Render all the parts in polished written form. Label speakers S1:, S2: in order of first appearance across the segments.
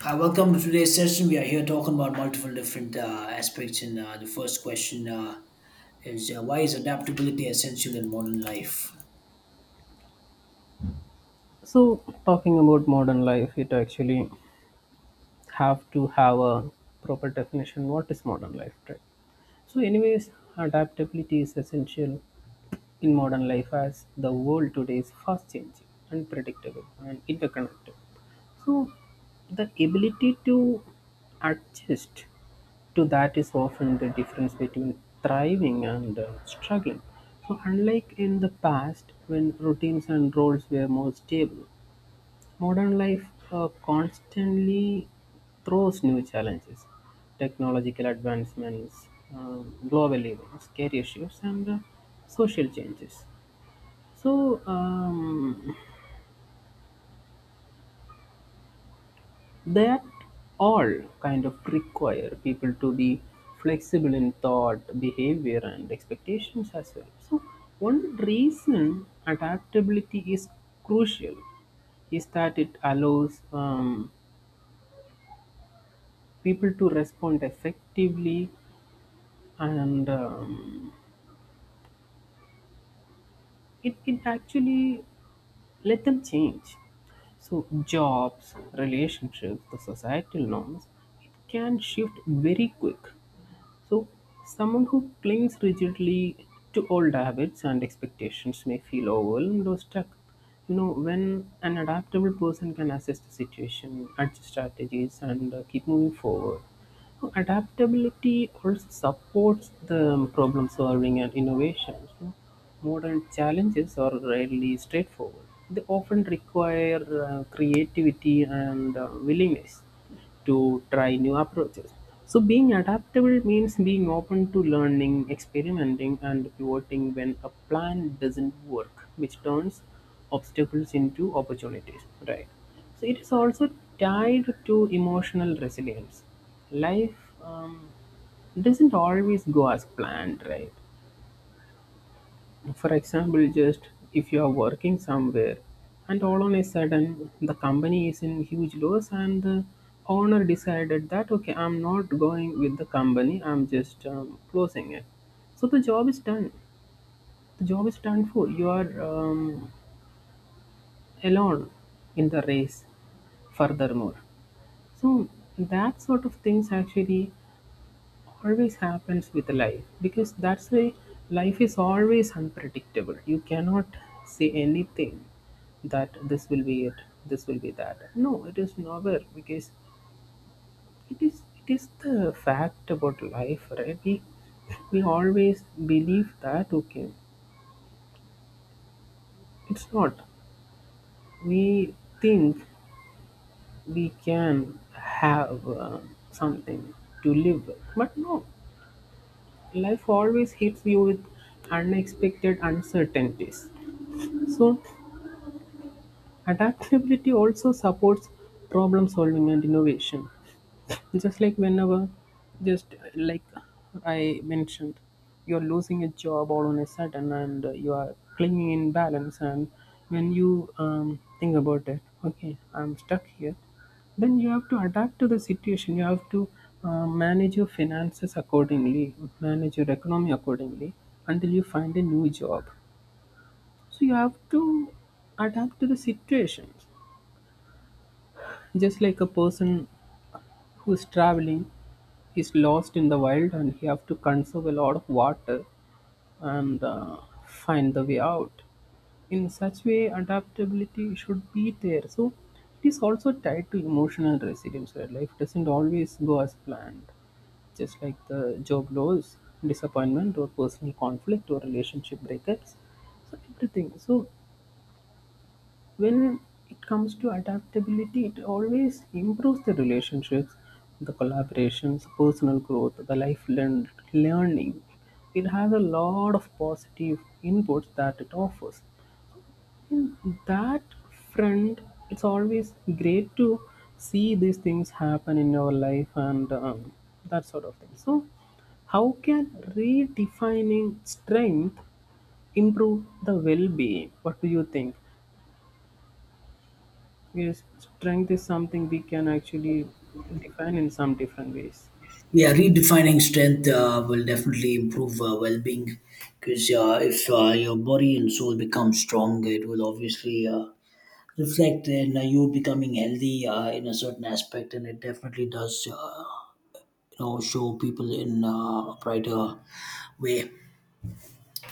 S1: Hi, welcome to today's session. We are here talking about multiple different aspects. And The first question is why is adaptability essential in modern life?
S2: So, talking about modern life, it actually have to have a proper definition. What is modern life, right? So, anyways, adaptability is essential in modern life as the world today is fast changing, unpredictable, and interconnected. So, the ability to adjust to that is often the difference between thriving and struggling. So, unlike in the past when routines and roles were more stable, modern life constantly throws new challenges, technological advancements, uh, global events, career shifts, and social changes. So, that all kind of require people to be flexible in thought, behavior, and expectations as well. So one reason adaptability is crucial is that it allows people to respond effectively and it actually let them change, so jobs, relationships, the societal norms, it can shift very quick. So, someone who clings rigidly to old habits and expectations may feel overwhelmed or stuck. You know, when an adaptable person can assess the situation, adjust strategies, and keep moving forward. So adaptability also supports the problem solving and innovation. So modern challenges are rarely straightforward. They often require creativity and willingness to try new approaches. So, being adaptable means being open to learning, experimenting, and pivoting when a plan doesn't work, which turns obstacles into opportunities, right? So, it is also tied to emotional resilience. Life um, doesn't always go as planned, right? For example, just if you are working somewhere and all on a sudden the company is in huge loss and the owner decided that okay, I'm not going with the company, I'm just closing it. So the job is done. The job is done, for you are alone in the race furthermore. So that sort of things actually always happens with life, because that's why life is always unpredictable. You cannot say anything, that this will be it, this will be that. No, it is never, because it is the fact about life, right? We always believe that okay, it's not, we think we can have something to live with, but no, life always hits you with unexpected uncertainties. So, adaptability also supports problem solving and innovation. Just like whenever, just like I mentioned, you're losing a job all on a sudden and you are clinging in balance. And when you think about it, okay, I'm stuck here, then you have to adapt to the situation. You have to manage your finances accordingly, manage your economy accordingly, until you find a new job, so you have to adapt to the situation. Just like a person who's traveling is lost in the wild and he have to conserve a lot of water and find the way out. In such way, adaptability should be there. So it is also tied to emotional resilience, where life doesn't always go as planned. Just like the job loss, disappointment or personal conflict or relationship breakups. So everything. So when it comes to adaptability, it always improves the relationships, the collaborations, personal growth, the learning. It has a lot of positive inputs that it offers. In that front, it's always great to see these things happen in your life and that sort of thing. So, how can redefining strength improve the well-being? What do you think? Yes, strength is something we can actually define in some different ways.
S1: Yeah, redefining strength will definitely improve well being because if your body and soul become strong, it will obviously reflect in you becoming healthy in a certain aspect, and it definitely does you know show people in a brighter way.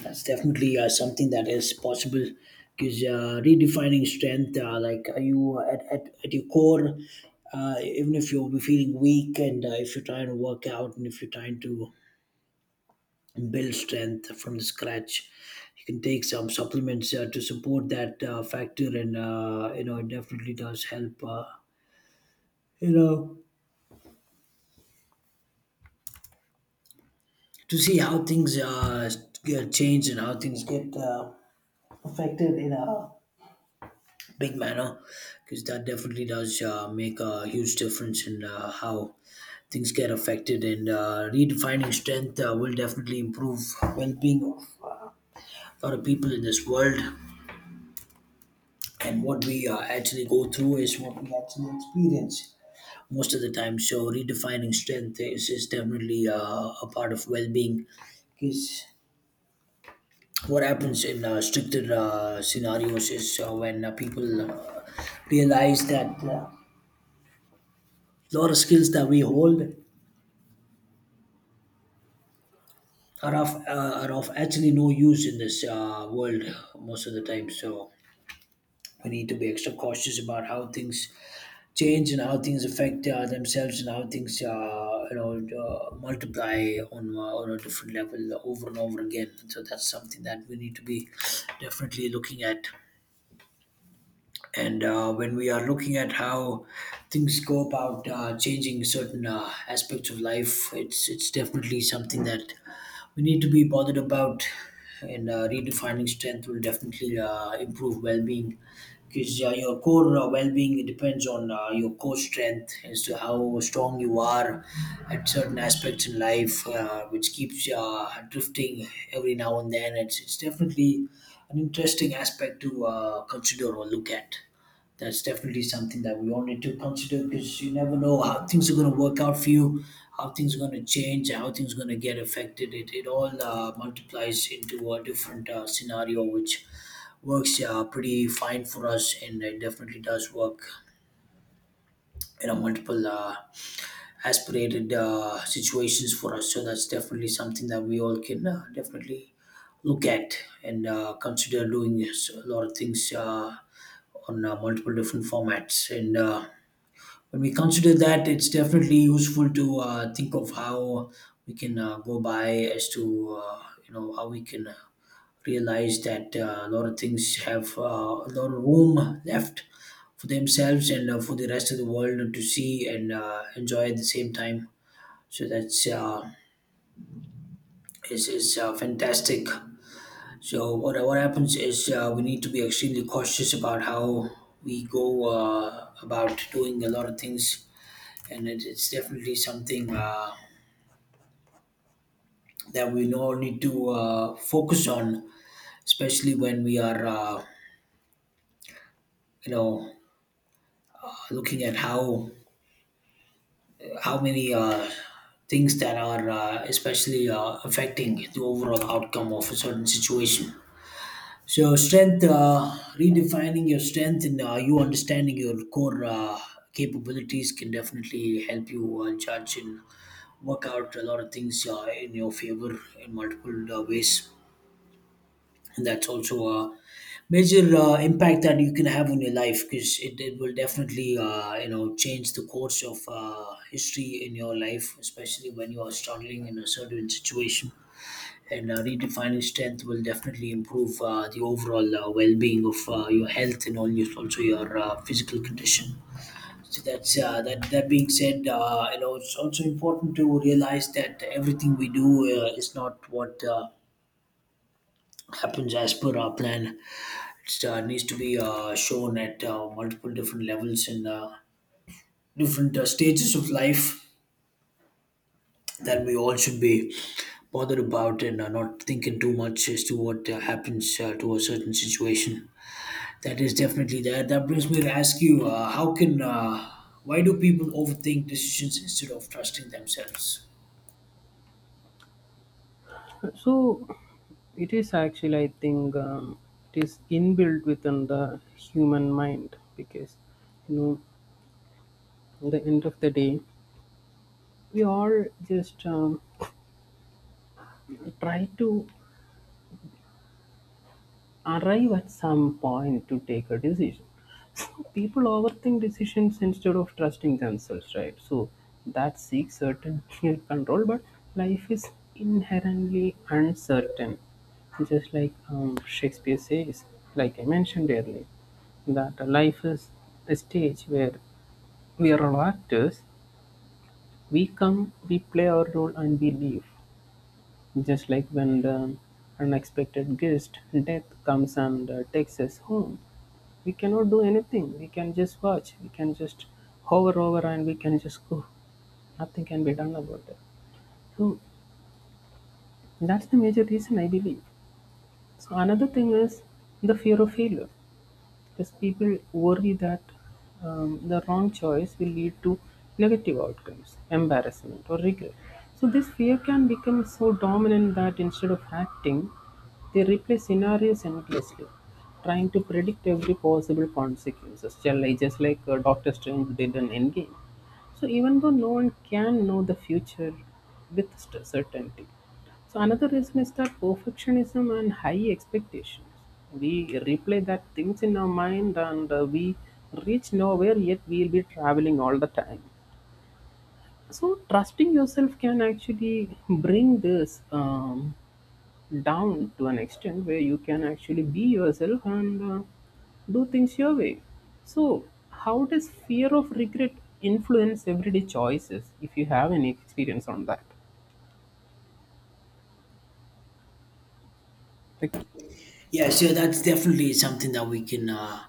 S1: That's definitely something that is possible because redefining strength, like are you at your core, even if you'll be feeling weak and if you're trying to work out and if you're trying to build strength from the scratch, you can take some supplements to support that factor and you know it definitely does help you know to see how things get changed and how things get affected in a big manner because that definitely does make a huge difference in how things get affected and redefining strength will definitely improve well-being of a lot of people in this world and what we actually go through is what we actually experience most of the time, so redefining strength is definitely a part of well-being because what happens in stricter scenarios is when people realize that a lot of skills that we hold are of actually no use in this world most of the time. So we need to be extra cautious about how things change and how things affect themselves and how things you know multiply on a different level over and over again. So that's something that we need to be definitely looking at. And when we are looking at how things go about changing certain aspects of life, it's definitely something that we need to be bothered about. And redefining strength will definitely improve well-being because your core well-being, it depends on your core strength as to how strong you are at certain aspects in life, which keeps drifting every now and then. It's definitely an interesting aspect to consider or look at. That's definitely something that we all need to consider, because you never know how things are going to work out for you, how things are going to change, how things are going to get affected. It all multiplies into a different scenario, which works pretty fine for us, and it definitely does work you know multiple aspirated situations for us, so that's definitely something that we all can definitely look at and consider doing a lot of things on multiple different formats and when we consider that, it's definitely useful to think of how we can go by as to you know how we can realize that a lot of things have a lot of room left for themselves and for the rest of the world to see and enjoy at the same time. So that's is fantastic. So what happens is we need to be extremely cautious about how we go about doing a lot of things, and it's definitely something that we all need to focus on, especially when we are you know looking at how many things that are especially affecting the overall outcome of a certain situation. So, strength, redefining your strength and you understanding your core capabilities can definitely help you judge and work out a lot of things in your favor in multiple ways, and that's also a major impact that you can have on your life, because it will definitely you know change the course of history in your life, especially when you are struggling in a certain situation. And redefining strength will definitely improve the overall well-being of your health and all also your physical condition. So that's that. That being said, you know it's also important to realize that everything we do is not what happens as per our plan. It needs to be shown at multiple different levels and different stages of life that we all should be bothered about and not thinking too much as to what happens to a certain situation. That is definitely that. That brings me to ask you, why do people overthink decisions instead of trusting themselves?
S2: So, it is actually, I think, it is inbuilt within the human mind because, you know, at the end of the day, we all just try to arrive at some point to take a decision. So people overthink decisions instead of trusting themselves, right? So that seeks certainty and control, but life is inherently uncertain. Just like Shakespeare says, like I mentioned earlier, that life is a stage where we are all actors. We come, we play our role, and we leave. Just like when the unexpected guest, death, comes and takes us home. We cannot do anything. We can just watch. We can just hover over and we can just go. Nothing can be done about it. So that's the major reason I believe. So another thing is the fear of failure, because people worry that the wrong choice will lead to negative outcomes, embarrassment, or regret. So, this fear can become so dominant that instead of acting, they replay scenarios endlessly, trying to predict every possible consequences, just like Doctor Strange did in Endgame. So even though no one can know the future with certainty. So another reason is that perfectionism and high expectations. We replay that things in our mind and we reach nowhere yet we'll be traveling all the time. So trusting yourself can actually bring this down to an extent where you can actually be yourself and do things your way. So, how does fear of regret influence everyday choices? If you have any experience on that, like
S1: Yeah, so that's definitely something that we can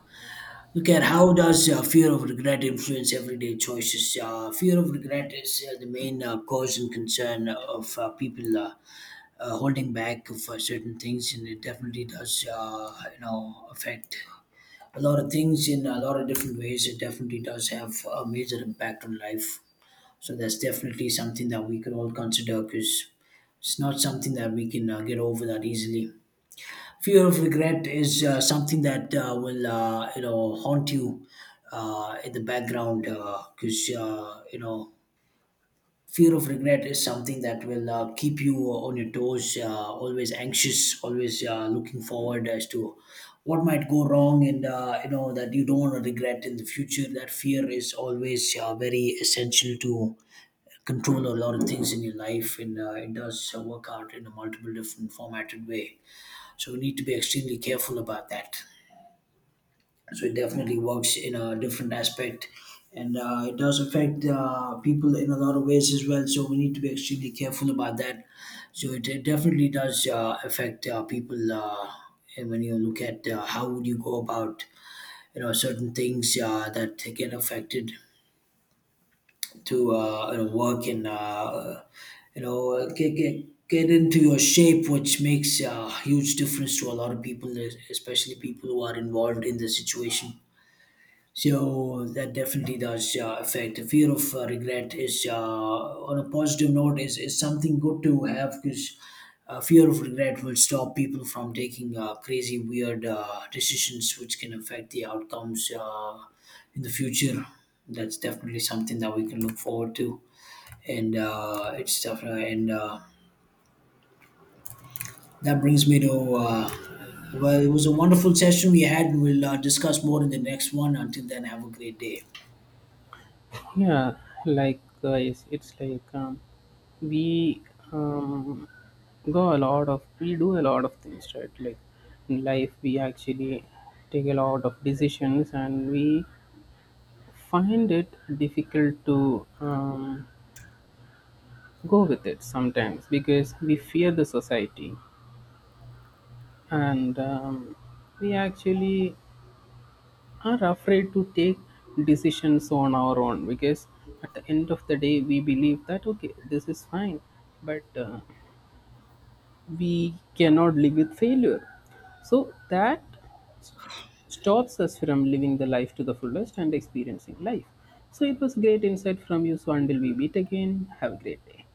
S1: look at. How does fear of regret influence everyday choices? Fear of regret is the main cause and concern of people holding back for certain things, and it definitely does, you know, affect a lot of things in a lot of different ways. It definitely does have a major impact on life. So that's definitely something that we could all consider, because it's not something that we can get over that easily. Fear of regret is something that will you know haunt you in the background, because you know fear of regret is something that will keep you on your toes, always anxious, always looking forward as to what might go wrong, and you know that you don't want to regret in the future. That fear is always very essential to control a lot of things in your life, and it does work out in a multiple different formatted way, so we need to be extremely careful about that. So it definitely works in a different aspect, and it does affect people in a lot of ways as well. So we need to be extremely careful about that. So it definitely does affect people, and when you look at how would you go about you know certain things that get affected to you know, work and you know get into your shape, which makes a huge difference to a lot of people, especially people who are involved in the situation. So that definitely does affect the fear of regret. Is On a positive note, is something good to have, because fear of regret will stop people from taking crazy, weird decisions which can affect the outcomes in the future. That's definitely something that we can look forward to, and it's definitely and that brings me to. Well, it was a wonderful session we had, and we'll discuss more in the next one. Until then, have a great day.
S2: yeah, like guys, it's like we um, we do a lot of things, right? Like in life, we actually take a lot of decisions and we find it difficult to go with it sometimes, because we fear the society and we actually are afraid to take decisions on our own, because at the end of the day we believe that okay, this is fine, but we cannot live with failure, so that stops us from living the life to the fullest and experiencing life. So it was great insight from you, so until we meet again, have a great day.